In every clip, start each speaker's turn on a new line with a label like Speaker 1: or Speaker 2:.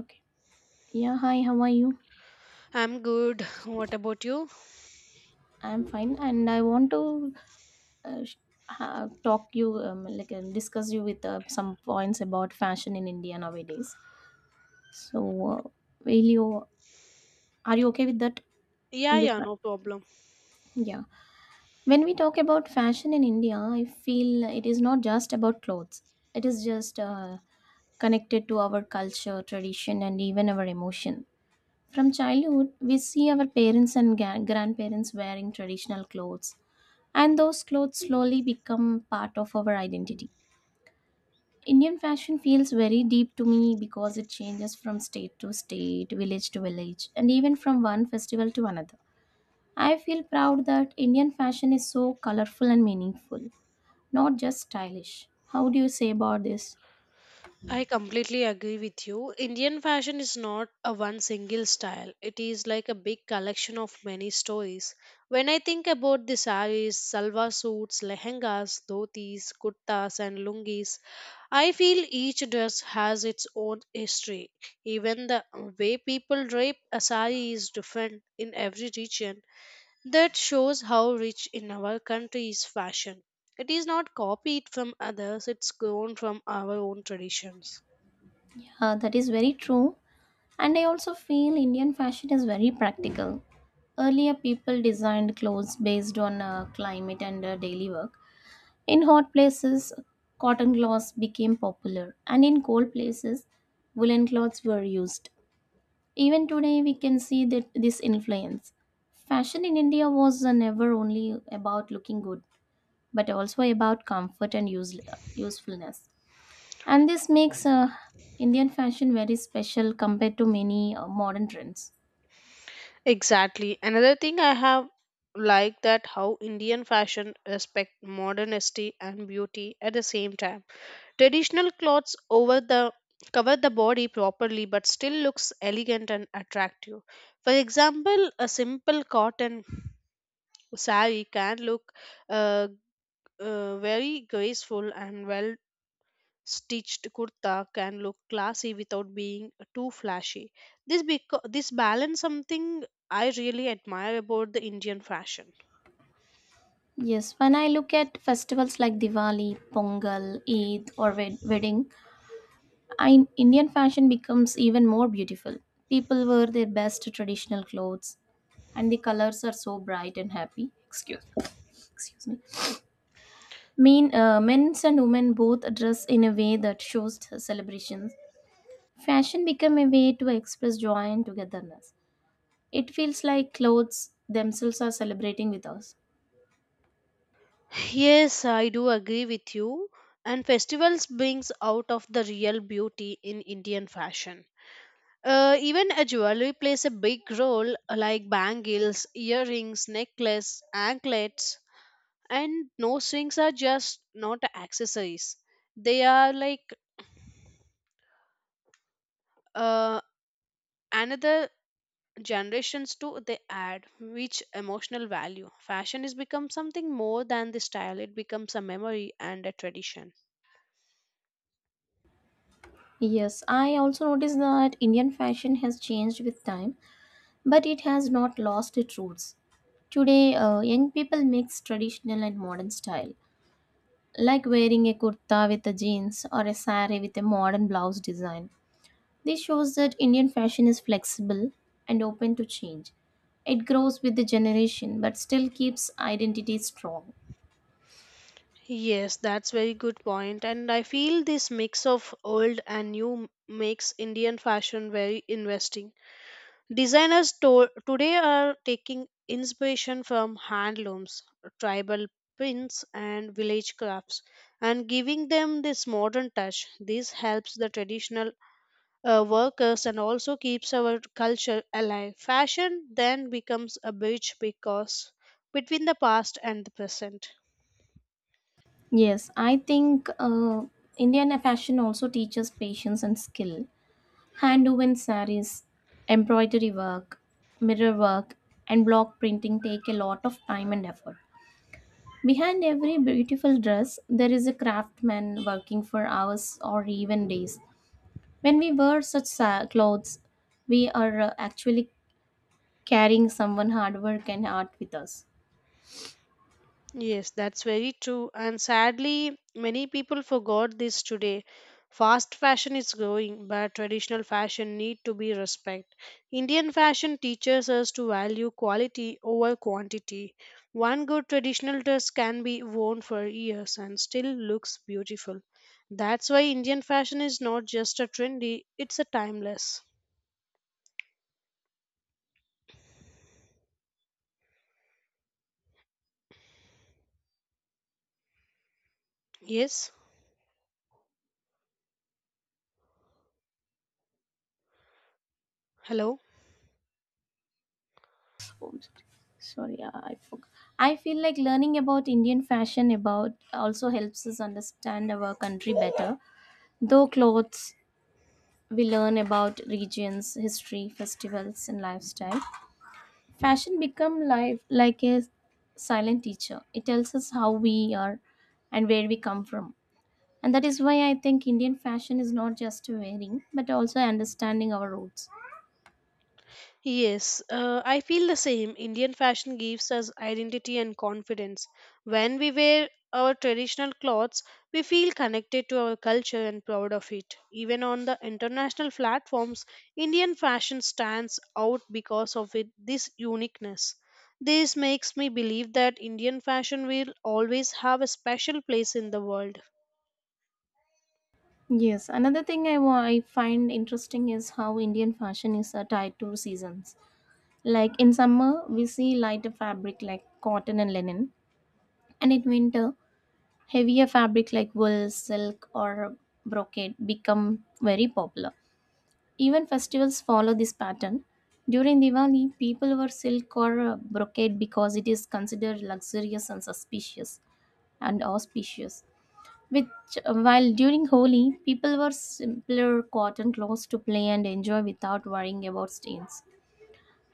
Speaker 1: Okay. Yeah, hi, how are you?
Speaker 2: I'm good. What about you?
Speaker 1: I'm fine, and I want to uh, sh- talk you, discuss you with some points about fashion in India nowadays. So, uh, will you, are you okay with that? Will
Speaker 2: Yeah,
Speaker 1: you,
Speaker 2: yeah,
Speaker 1: fa-
Speaker 2: no problem.
Speaker 1: yeah. When we talk about fashion in India, I feel it is not just about clothes, it is just connected to our culture, tradition, and even our emotion. From childhood, we see our parents and grandparents wearing traditional clothes, and those clothes slowly become part of our identity. Indian fashion feels very deep to me because it changes from state to state, village to village, and even from one festival to another. I feel proud that Indian fashion is so colorful and meaningful, not just stylish. How do you say about this?
Speaker 2: I completely agree with you. Indian fashion is not a one single style. It is like a big collection of many stories. When I think about the saris, salwar suits, lehengas, dhotis, kurtas and lungis, I feel each dress has its own history. Even the way people drape a sari is different in every region. That shows how rich in our country is fashion. It is not copied from others, it's grown from our own traditions.
Speaker 1: Yeah, that is very true. And I also feel Indian fashion is very practical. Earlier, people designed clothes based on climate and daily work. In hot places, cotton cloths became popular, and in cold places, woolen cloths were used. Even today, we can see that this influence. Fashion in India was never only about looking good, but also about comfort and usefulness. And this makes Indian fashion very special compared to many modern trends.
Speaker 2: Exactly. Another thing I have liked that how Indian fashion respect modernity and beauty at the same time. Traditional clothes over the cover the body properly but still looks elegant and attractive. For example, a simple cotton saree can look uh, very graceful and well Stitched kurta can look classy without being too flashy. This balance something I really admire about the Indian fashion.
Speaker 1: Yes, when I look at festivals like Diwali, Pongal, Eid, or wedding, Indian fashion becomes even more beautiful. People wear their best traditional clothes, and the colors are so bright and happy. Excuse me. Mean men and women both dress in a way that shows celebrations. Fashion become a way to express joy and togetherness. It feels like clothes themselves are celebrating with us.
Speaker 2: Yes, I do agree with you. And festivals brings out of the real beauty in Indian fashion. Even a jewelry plays a big role, like bangles, earrings, necklace, anklets, and nose rings are just not accessories. They are like uh, another generations too they add which emotional value fashion is become something more than the style it becomes a memory and a tradition.
Speaker 1: Yes, I also noticed that Indian fashion has changed with time, but it has not lost its roots. Today, young people mix traditional and modern style, like wearing a kurta with a jeans or a sari with a modern blouse design. This shows that Indian fashion is flexible and open to change. It grows with the generation but still keeps identity strong.
Speaker 2: Yes, that's very good point, and I feel this mix of old and new makes Indian fashion very investing. Designers today are taking inspiration from handlooms, tribal prints and village crafts, and giving them this modern touch. This helps the traditional workers and also keeps our culture alive. Fashion then becomes a bridge because between the past and the present.
Speaker 1: Yes, I think Indian fashion also teaches patience and skill. Hand-woven saris, embroidery work, mirror work, and block printing take a lot of time and effort. Behind every beautiful dress, there is a craftsman working for hours or even days. When we wear such clothes, we are actually carrying someone hard work and art with us.
Speaker 2: Yes, that's very true. And sadly, many people forgot this today. Fast fashion is growing, but traditional fashion need to be respect. Indian fashion teaches us to value quality over quantity. One good traditional dress can be worn for years and still looks beautiful. That's why Indian fashion is not just a trendy, it's a timeless. Yes, hello.
Speaker 1: I feel like learning about Indian fashion about also helps us understand our country better. Though clothes, we learn about regions, history, festivals, and lifestyle. Fashion become life like a silent teacher. It tells us how we are and where we come from. And that is why I think Indian fashion is not just wearing, but also understanding our roots.
Speaker 2: Yes, I feel the same. Indian fashion gives us identity and confidence. When we wear our traditional clothes, we feel connected to our culture and proud of it. Even on the international platforms, Indian fashion stands out because of it, this uniqueness. This makes me believe that Indian fashion will always have a special place in the world.
Speaker 1: Yes, another thing I find interesting is how Indian fashion is tied to seasons. Like in summer, we see lighter fabric like cotton and linen, and in winter, heavier fabric like wool, silk, or brocade become very popular. Even festivals follow this pattern. During Diwali, people wear silk or brocade because it is considered luxurious and suspicious and auspicious. Which, while during Holi, people wear simpler cotton clothes to play and enjoy without worrying about stains.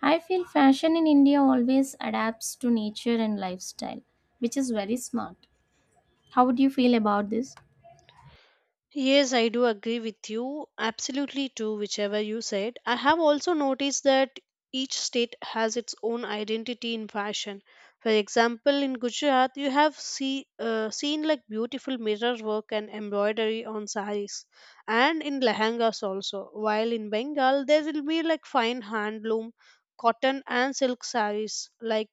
Speaker 1: I feel fashion in India always adapts to nature and lifestyle, which is very smart. How would you feel about this?
Speaker 2: Yes, I do agree with you. Absolutely too, whichever you said. I have also noticed that each state has its own identity in fashion. For example, in Gujarat, you have seen like beautiful mirror work and embroidery on saris, and in lehengas also. While in Bengal, there will be like fine handloom, cotton and silk saris like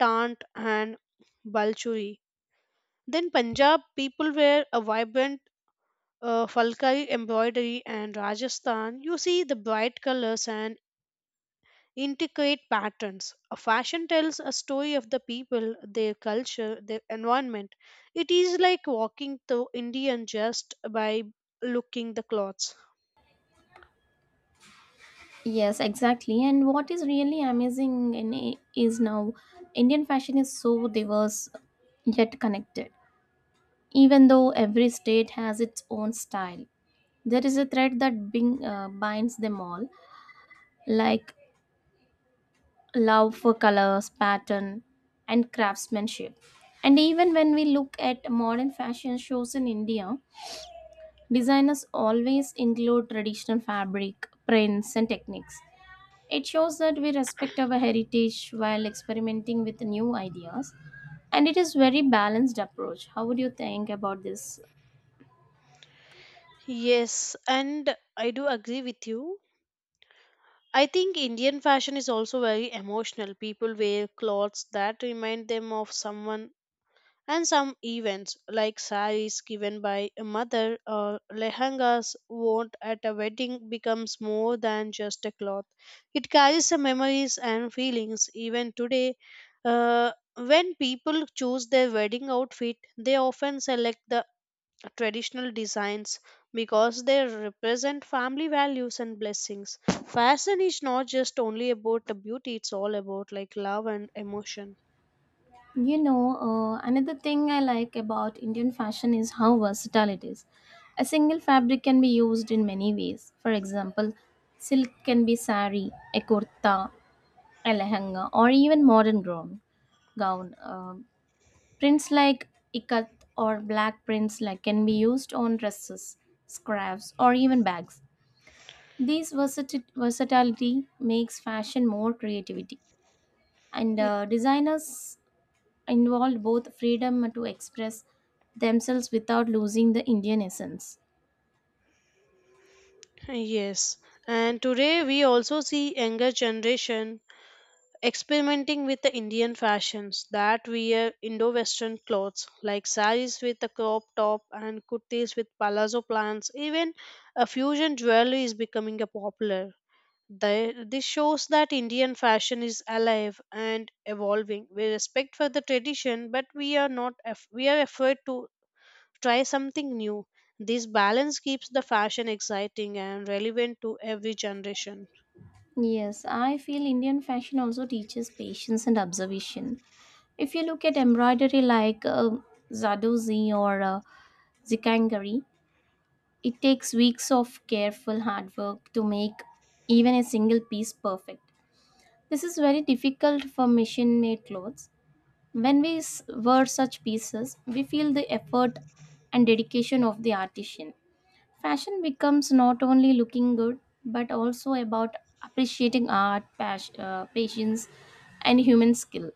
Speaker 2: tant and balchuri. Then Punjab people wear a vibrant Falkai embroidery, and Rajasthan, you see the bright colors and intricate patterns. A fashion tells a story of the people, their culture, their environment. It is like walking through Indian just by looking the clothes.
Speaker 1: Yes, exactly. And what is really amazing is now Indian fashion is so diverse yet connected. Even though every state has its own style, there is a thread that binds them all, like love for colors, pattern, and craftsmanship. And even when we look at modern fashion shows in India, designers always include traditional fabric, prints, and techniques. It shows that we respect our heritage while experimenting with new ideas, and it is very balanced approach. How would you think about this?
Speaker 2: Yes, and I do agree with you. I think Indian fashion is also very emotional. People wear clothes that remind them of someone and some events, like saris given by a mother or lehengas worn at a wedding, becomes more than just a cloth. It carries the memories and feelings even today. uh, when people choose their wedding outfit, they often select the traditional designs because they represent family values and blessings. Fashion is not just only about the beauty, it's all about like love and emotion.
Speaker 1: You know, another thing I like about Indian fashion is how versatile it is. A single fabric can be used in many ways. For example, silk can be sari, a kurta, a lehenga, or even modern gown. Prints like ikat or black prints like can be used on dresses, scarves, or even bags. This versatility makes fashion more creativity, and designers involved both freedom to express themselves without losing the Indian essence.
Speaker 2: Yes, and today we also see younger generation experimenting with the Indian fashions that wear Indo-Western clothes like saris with a crop top and kurtis with palazzo plants. Even a fusion jewelry is becoming a popular. This shows that Indian fashion is alive and evolving. We respect for the tradition, but we are not af- we are afraid to try something new. This balance keeps the fashion exciting and relevant to every generation.
Speaker 1: Yes, I feel Indian fashion also teaches patience and observation. If you look at embroidery like zadozi or zikangari, it takes weeks of careful hard work to make even a single piece perfect. This is very difficult for machine made clothes. When we wear such pieces, we feel the effort and dedication of the artisan. Fashion becomes not only looking good but also about appreciating art, patience, and human skill.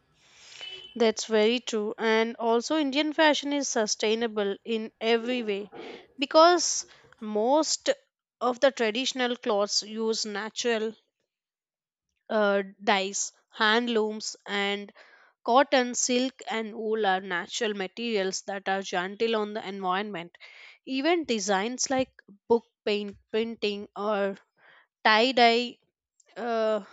Speaker 2: That's very true. And also, Indian fashion is sustainable in every way because most of the traditional clothes use natural dyes, handlooms, and cotton, silk, and wool are natural materials that are gentle on the environment. Even designs like book paint, printing, or tie dye uh,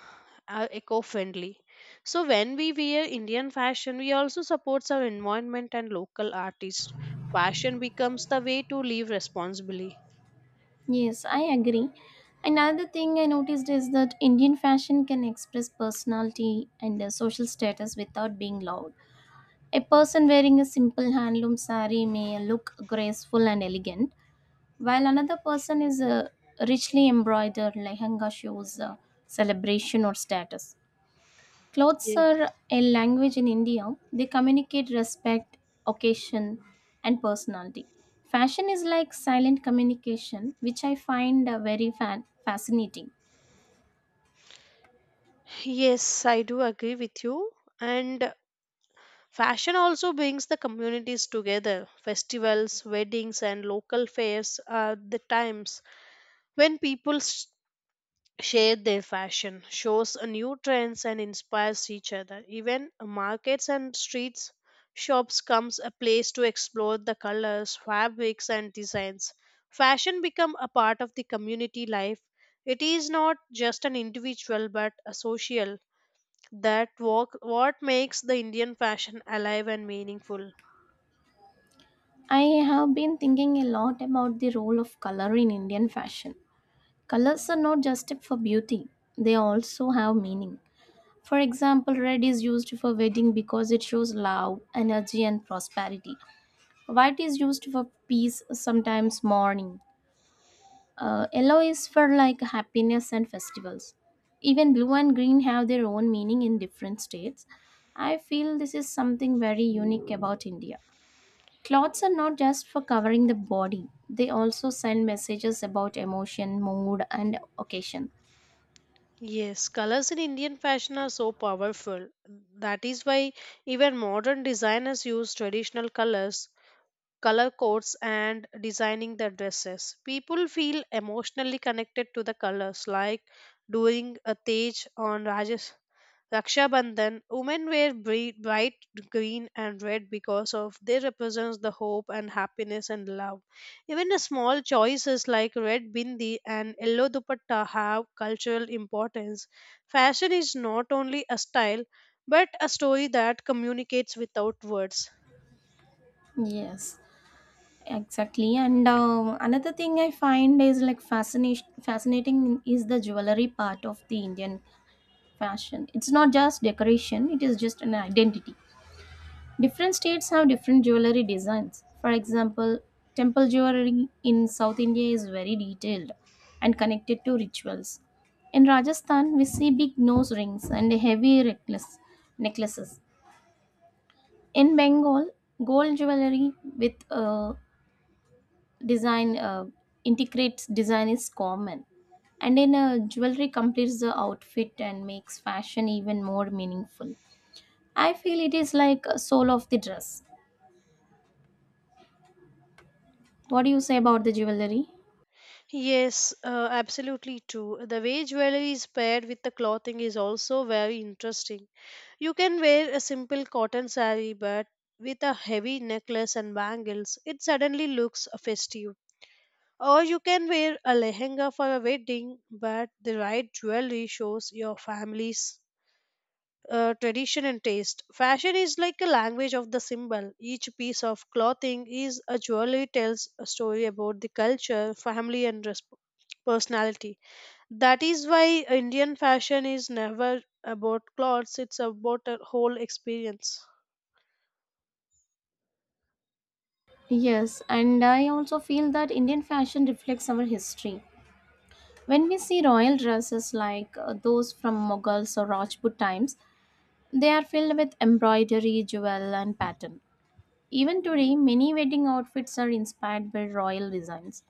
Speaker 2: are eco-friendly. So when we wear Indian fashion, we also supports our environment and local artists. Fashion becomes the way to live responsibly.
Speaker 1: Yes, I agree. Another thing I noticed is that Indian fashion can express personality and social status without being loud. A person wearing a simple handloom saree may look graceful and elegant, while another person is a richly embroidered lehenga shows celebration or status. Clothes
Speaker 2: Yes.
Speaker 1: are a language in India. They communicate respect, occasion, and personality. Fashion is like silent communication, which I find very fascinating.
Speaker 2: Yes, I do agree with you. And fashion also brings the communities together. Festivals, weddings, and local fairs are the times when share their fashion, shows a new trends and inspires each other. Even markets and streets shops comes a place to explore the colors, fabrics and designs. Fashion become a part of the community life. It is not just an individual but a social that walk, what makes the Indian fashion alive and meaningful.
Speaker 1: I have been thinking a lot about the role of color in Indian fashion. Colors are not just for beauty, they also have meaning. For example, red is used for wedding because it shows love, energy, and prosperity. White is used for peace, sometimes mourning. Yellow is for like happiness and festivals. Even blue and green have their own meaning in different states. I feel this is something very unique about India. Clothes are not just for covering the body, they also send messages about emotion, mood, and occasion.
Speaker 2: Yes, colors in Indian fashion are so powerful. That is why even modern designers use traditional colors color codes and designing the dresses. People feel emotionally connected to the colors, like during a Tej on Rajas. Raksha Bandhan, women wear bright green and red because of they represents the hope and happiness and love. Even the small choices like red bindi and yellow dupatta have cultural importance. Fashion is not only a style but a story that communicates without words.
Speaker 1: Yes, exactly. And another thing I find is like fascination fascinating is the jewelry part of the Indian fashion. It's not just decoration, it is just an identity. Different states have different jewelry designs. For example, temple jewelry in South India is very detailed and connected to rituals. In Rajasthan, we see big nose rings and heavy necklaces. In Bengal, gold jewelry with design integrates design is common. And in jewelry completes the outfit and makes fashion even more meaningful. I feel it is like a soul of the dress. What do you say about the jewelry?
Speaker 2: Yes, absolutely true. The way jewelry is paired with the clothing is also very interesting. You can wear a simple cotton saree, but with a heavy necklace and bangles, it suddenly looks festive. Or you can wear a lehenga for a wedding, but the right jewelry shows your family's tradition and taste. Fashion is like a language of the symbol. Each piece of clothing is a jewelry tells a story about the culture, family, and personality. That is why Indian fashion is never about clothes, it's about a whole experience.
Speaker 1: Yes, and I also feel that Indian fashion reflects our history. When we see royal dresses like those from Mughals or Rajput times, they are filled with embroidery, jewel, and pattern. Even today, many wedding outfits are inspired by royal designs.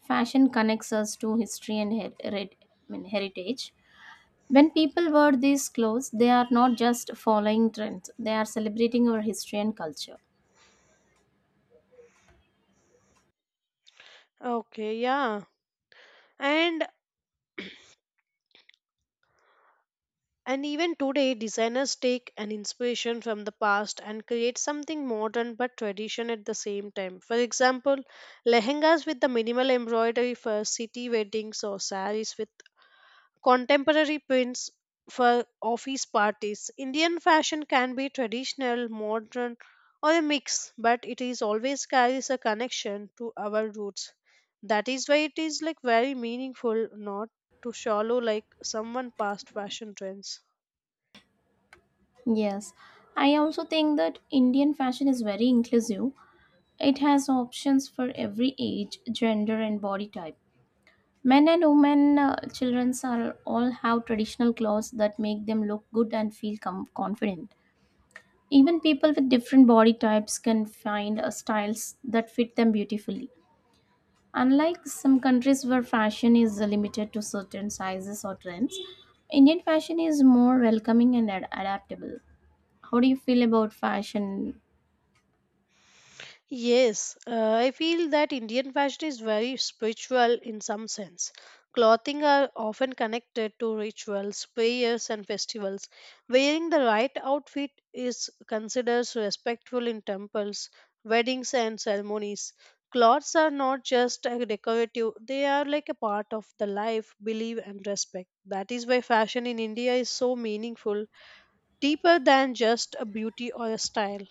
Speaker 1: Fashion connects us to history and heritage. When people wear these clothes, they are not just following trends, they are celebrating our history and culture.
Speaker 2: Okay, yeah. And and even today designers take an inspiration from the past and create something modern but tradition at the same time. For example, lehengas with the minimal embroidery for city weddings or saris with contemporary prints for office parties. Indian fashion can be traditional, modern, or a mix, but it is always carries a connection to our roots. That is why it is like very meaningful, not to shallow like someone past fashion trends.
Speaker 1: Yes, I also think that Indian fashion is very inclusive. It has options for every age, gender, and body type. Men and women, children are all have traditional clothes that make them look good and feel confident. Even people with different body types can find styles that fit them beautifully. Unlike some countries where fashion is limited to certain sizes or trends, Indian fashion is more welcoming and adaptable. How do you feel about fashion?
Speaker 2: Yes, I feel that Indian fashion is very spiritual in some sense. Clothing are often connected to rituals, prayers, and festivals. Wearing the right outfit is considered respectful in temples, weddings, and ceremonies. Clothes are not just a decorative, they are like a part of the life, belief, and respect. That is why fashion in India is so meaningful, deeper than just a beauty or a style.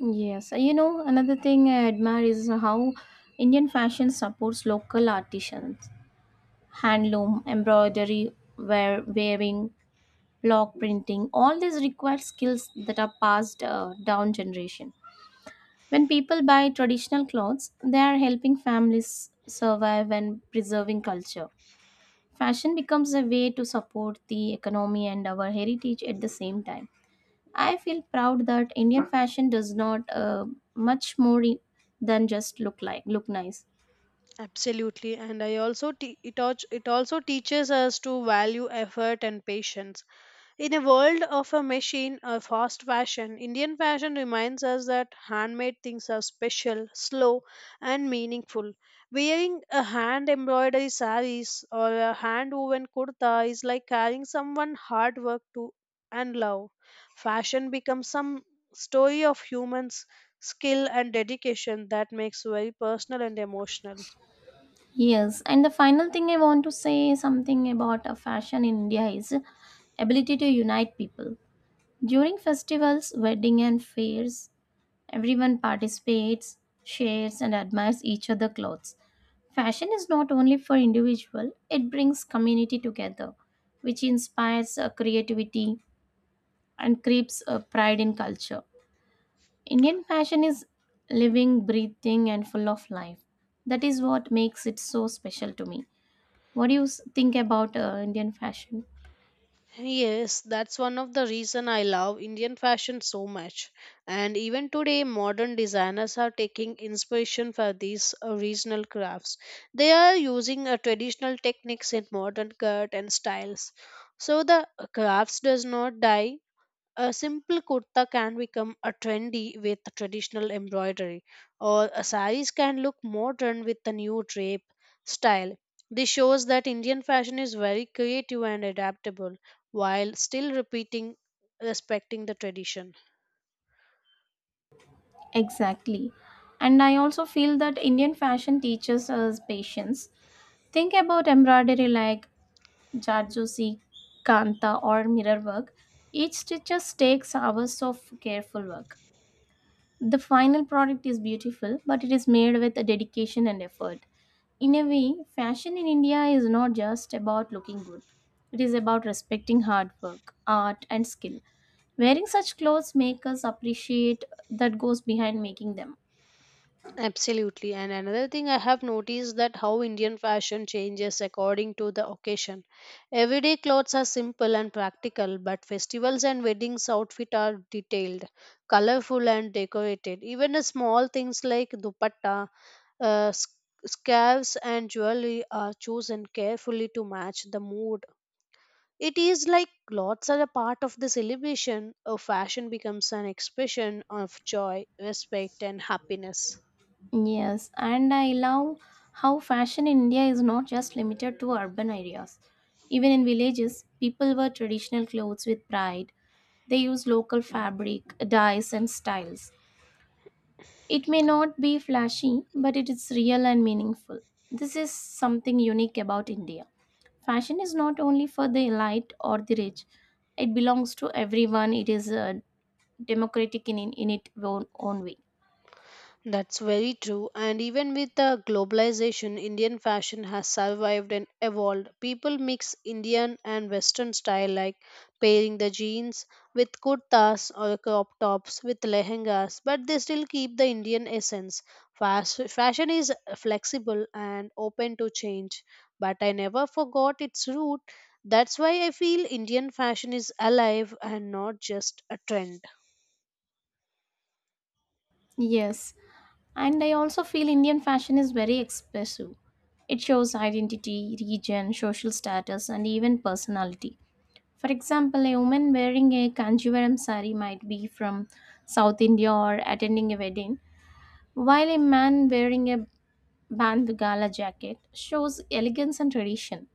Speaker 1: Yes, you know, another thing I admire is how Indian fashion supports local artisans. Handloom, embroidery, weaving, block printing, all these require skills that are passed down generation. When people buy traditional clothes, they are helping families survive and preserving culture. Fashion becomes a way to support the economy and our heritage at the same time. I feel proud that Indian fashion does not much more than just look like look nice.
Speaker 2: Absolutely, and I also it also teaches us to value effort and patience. In a world of a machine or fast fashion, Indian fashion reminds us that handmade things are special, slow, and meaningful. Wearing a hand embroidery saris or a hand woven kurta is like carrying someone hard work to and love. Fashion becomes some story of humans skill and dedication that makes very personal and emotional.
Speaker 1: Yes, and the final thing I want to say something about a fashion in India is ability to unite people. During festivals, wedding and fairs, everyone participates, shares and admires each other' clothes. Fashion is not only for individual, it brings community together, which inspires creativity and creates pride in culture. Indian fashion is living, breathing, and full of life. That is what makes it so special to me. What do you think about Indian fashion?
Speaker 2: Yes, that's one of the reason I love Indian fashion so much. And even today, modern designers are taking inspiration for these regional crafts. They are using traditional techniques in modern cut and styles. So the crafts does not die. A simple kurta can become a trendy with traditional embroidery, or a saris can look modern with a new drape style. This shows that Indian fashion is very creative and adaptable while still repeating respecting the tradition.
Speaker 1: Exactly. And I also feel that Indian fashion teaches us patience. Think about embroidery like Jarjosi, Kanta, or mirror work. Each stitches takes hours of careful work. The final product is beautiful, but it is made with a dedication and effort. In a way, fashion in India is not just about looking good, it is about respecting hard work, art, and skill. Wearing such clothes make us appreciate that goes behind making them.
Speaker 2: Absolutely. And another thing I have noticed that how Indian fashion changes according to the occasion. Everyday clothes are simple and practical, but festivals and weddings outfit are detailed, colorful and decorated. Even the small things like dupatta, uh, s- scarves and jewelry are chosen carefully to match the mood. It is like clothes are a part of the celebration. A fashion becomes an expression of joy, respect and happiness.
Speaker 1: Yes, and I love how fashion in India is not just limited to urban areas. Even in villages, people wear traditional clothes with pride. They use local fabric, dyes, and styles. It may not be flashy, but it is real and meaningful. This is something unique about India. Fashion is not only for the elite or the rich, it belongs to everyone. It is democratic in its own way.
Speaker 2: That's very true. And even with the globalization, Indian fashion has survived and evolved. People mix Indian and Western style, like pairing the jeans with kurtas or crop tops with lehengas, but they still keep the Indian essence. Fashion is flexible and open to change, but I never forgot its root. That's why I feel Indian fashion is alive and not just a trend.
Speaker 1: Yes, and I also feel Indian fashion is very expressive. It shows identity, region, social status, and even personality. For example, a woman wearing a Kanjivaram sari might be from South India or attending a wedding, while a man wearing a bandhgala jacket shows elegance and tradition.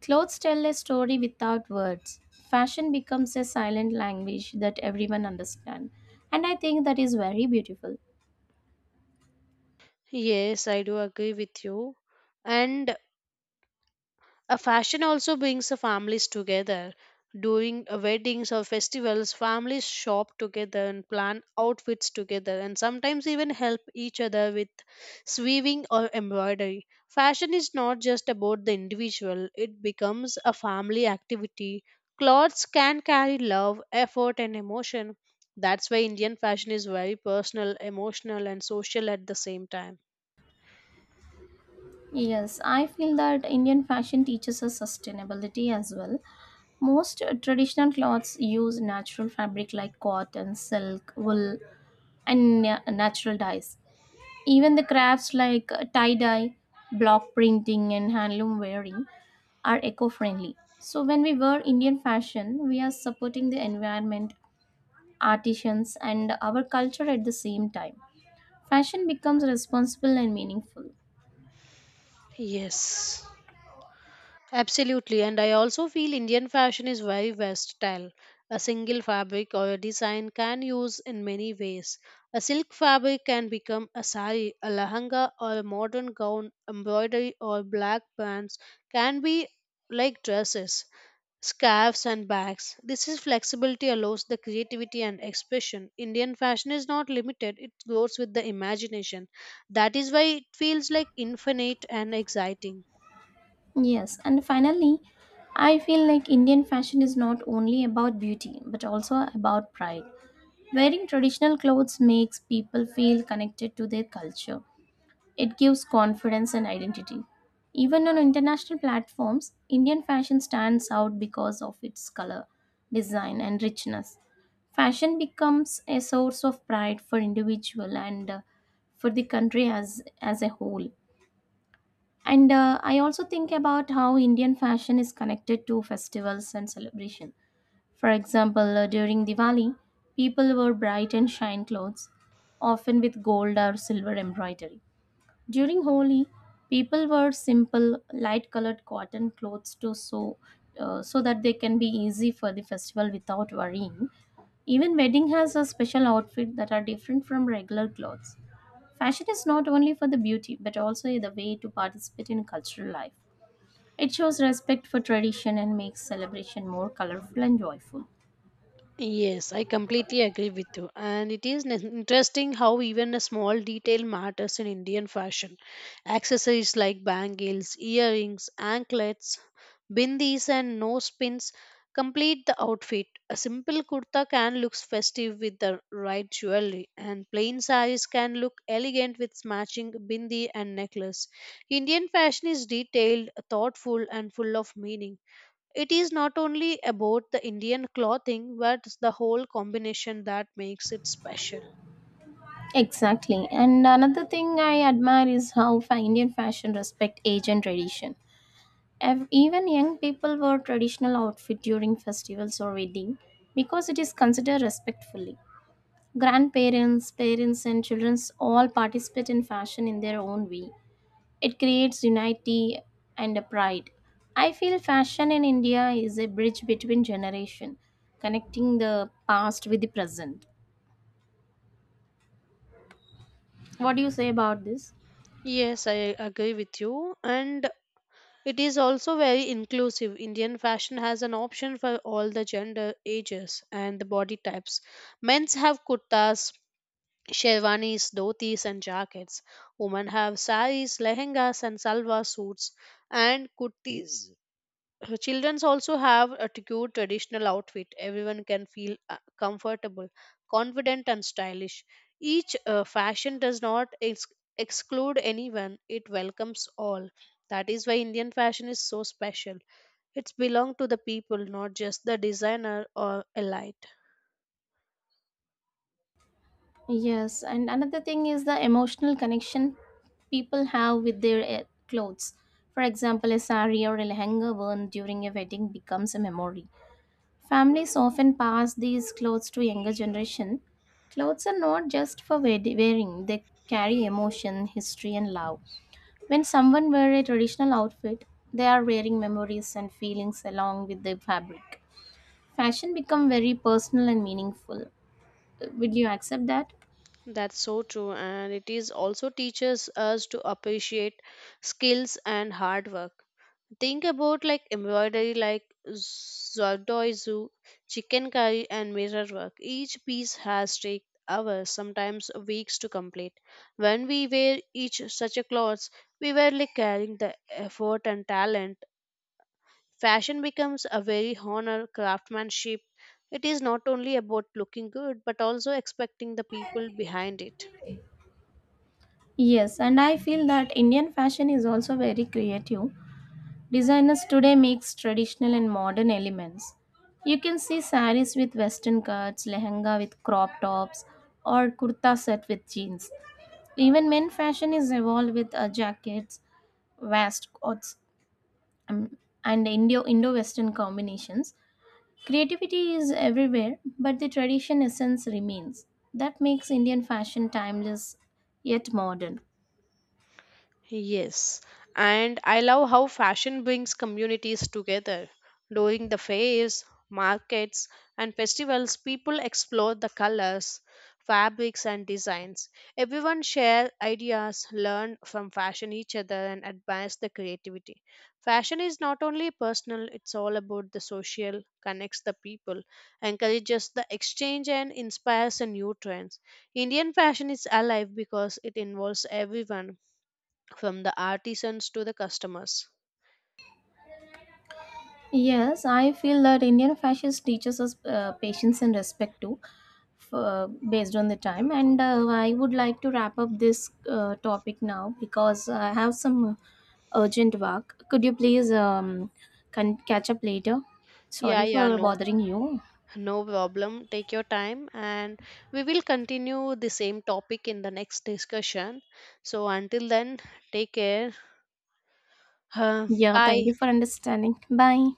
Speaker 1: Clothes tell a story without words. Fashion becomes a silent language that everyone understands. And I think that is very beautiful.
Speaker 2: Yes, I do agree with you. And a fashion also brings the families together. During weddings or festivals, families shop together and plan outfits together, and sometimes even help each other with sewing or embroidery. Fashion is not just about the individual, it becomes a family activity. Clothes can carry love, effort, and emotion. That's why Indian fashion is very personal, emotional, and social at the same time.
Speaker 1: Yes, I feel that Indian fashion teaches us sustainability as well. Most traditional cloths use natural fabric like cotton, silk, wool, and natural dyes. Even the crafts like tie dye, block printing, and handloom wearing are eco friendly. So, when we wear Indian fashion, we are supporting the environment, artisans, and our culture at the same time. Fashion becomes responsible and meaningful.
Speaker 2: Yes. Absolutely, and I also feel Indian fashion is very versatile. A single fabric or a design can use in many ways. A silk fabric can become a sari, a lahanga, or a modern gown. Embroidery or black bands can be like dresses, scarves, and bags. This is flexibility allows the creativity and expression. Indian fashion is not limited; it grows with the imagination. That is why it feels like infinite and exciting.
Speaker 1: Yes, and finally, I feel like Indian fashion is not only about beauty but also about pride. Wearing traditional clothes makes people feel connected to their culture. It gives confidence and identity. Even on international platforms, Indian fashion stands out because of its color, design, and richness. Fashion becomes a source of pride for individual and for the country as a whole. And I also think about how Indian fashion is connected to festivals and celebration. For example, during Diwali, people wear bright and shine clothes, often with gold or silver embroidery. During Holi, people wear simple, light colored cotton clothes to so that they can be easy for the festival without worrying. Even wedding has a special outfit that are different from regular clothes. Fashion is not only for the beauty but also the way to participate in cultural life. It shows respect for tradition and makes celebration more colorful and joyful.
Speaker 2: Yes, I completely agree with you. And it is interesting how even a small detail matters in Indian fashion. Accessories like bangles, earrings, anklets, bindis, and nose pins complete the outfit. A simple kurta can look festive with the right jewelry, and plain saris can look elegant with matching bindi and necklace. Indian fashion is detailed, thoughtful, and full of meaning. It is not only about the Indian clothing, but the whole combination that makes it special.
Speaker 1: Exactly. And another thing I admire is how Indian fashion respect age and tradition. Even young people wear traditional outfit during festivals or wedding because it is considered respectfully. Grandparents, parents, and children all participate in fashion in their own way. It creates unity and a pride. I feel fashion in India is a bridge between generation, connecting the past with the present. What do you say about this?
Speaker 2: Yes, I agree with you. And it is also very inclusive. Indian fashion has an option for all the gender, ages, and the body types. Men's have kurtas, sherwanis, dhotis, and jackets. Women have saris, lehengas, and salwar suits, and kurtis. Childrens also have a cute traditional outfit. Everyone can feel comfortable, confident, and stylish. Each fashion does not exclude anyone, it welcomes all. That is why Indian fashion is so special. It's belong to the people, not just the designer or elite.
Speaker 1: Yes, and another thing is the emotional connection people have with their clothes. For example, a sari or a lehenga worn during a wedding becomes a memory. Families often pass these clothes to younger generation. Clothes are not just for wearing; they carry emotion, history, and love. When someone wears a traditional outfit, they are wearing memories and feelings along with the fabric. Fashion become very personal and meaningful. Would you accept that?
Speaker 2: That's so true, and it is also teaches us to appreciate skills and hard work. Think about like embroidery like Zordoizu, chicken curry and mirror work. Each piece has take hours, sometimes weeks to complete. When we wear each such a clothes, we were like carrying the effort and talent. Fashion becomes a very honor craftsmanship. It is not only about looking good but also expecting the people behind it.
Speaker 1: Yes, and I feel that Indian fashion is also very creative. Designers today mix traditional and modern elements. You can see saris with western cuts, lehenga with crop tops, or kurta set with jeans. Even men fashion is evolved with jackets, waistcoats, um, and Indo Western combinations. Creativity is everywhere, but the tradition essence remains. That makes Indian fashion timeless yet modern.
Speaker 2: Yes, and I love how fashion brings communities together. During the fairs, markets, and festivals, people explore the colors, fabrics, and designs. Everyone share ideas, learn from fashion each other, and advance the creativity. Fashion is not only personal, it's all about the social, connects the people, encourages the exchange, and inspires the new trends. Indian fashion is alive because it involves everyone from the artisans to the customers.
Speaker 1: Yes, I feel that Indian fashion teaches us patience and respect too, based on the time. And I would like to wrap up this topic now because I have some urgent work. Could you please can catch up later?
Speaker 2: Yeah,
Speaker 1: Sorry
Speaker 2: yeah,
Speaker 1: for
Speaker 2: no,
Speaker 1: bothering you.
Speaker 2: no problem. Take your time, and we will continue the same topic in the next discussion. So, until then, take care.
Speaker 1: Yeah, thank
Speaker 2: Bye.
Speaker 1: you for understanding. Bye.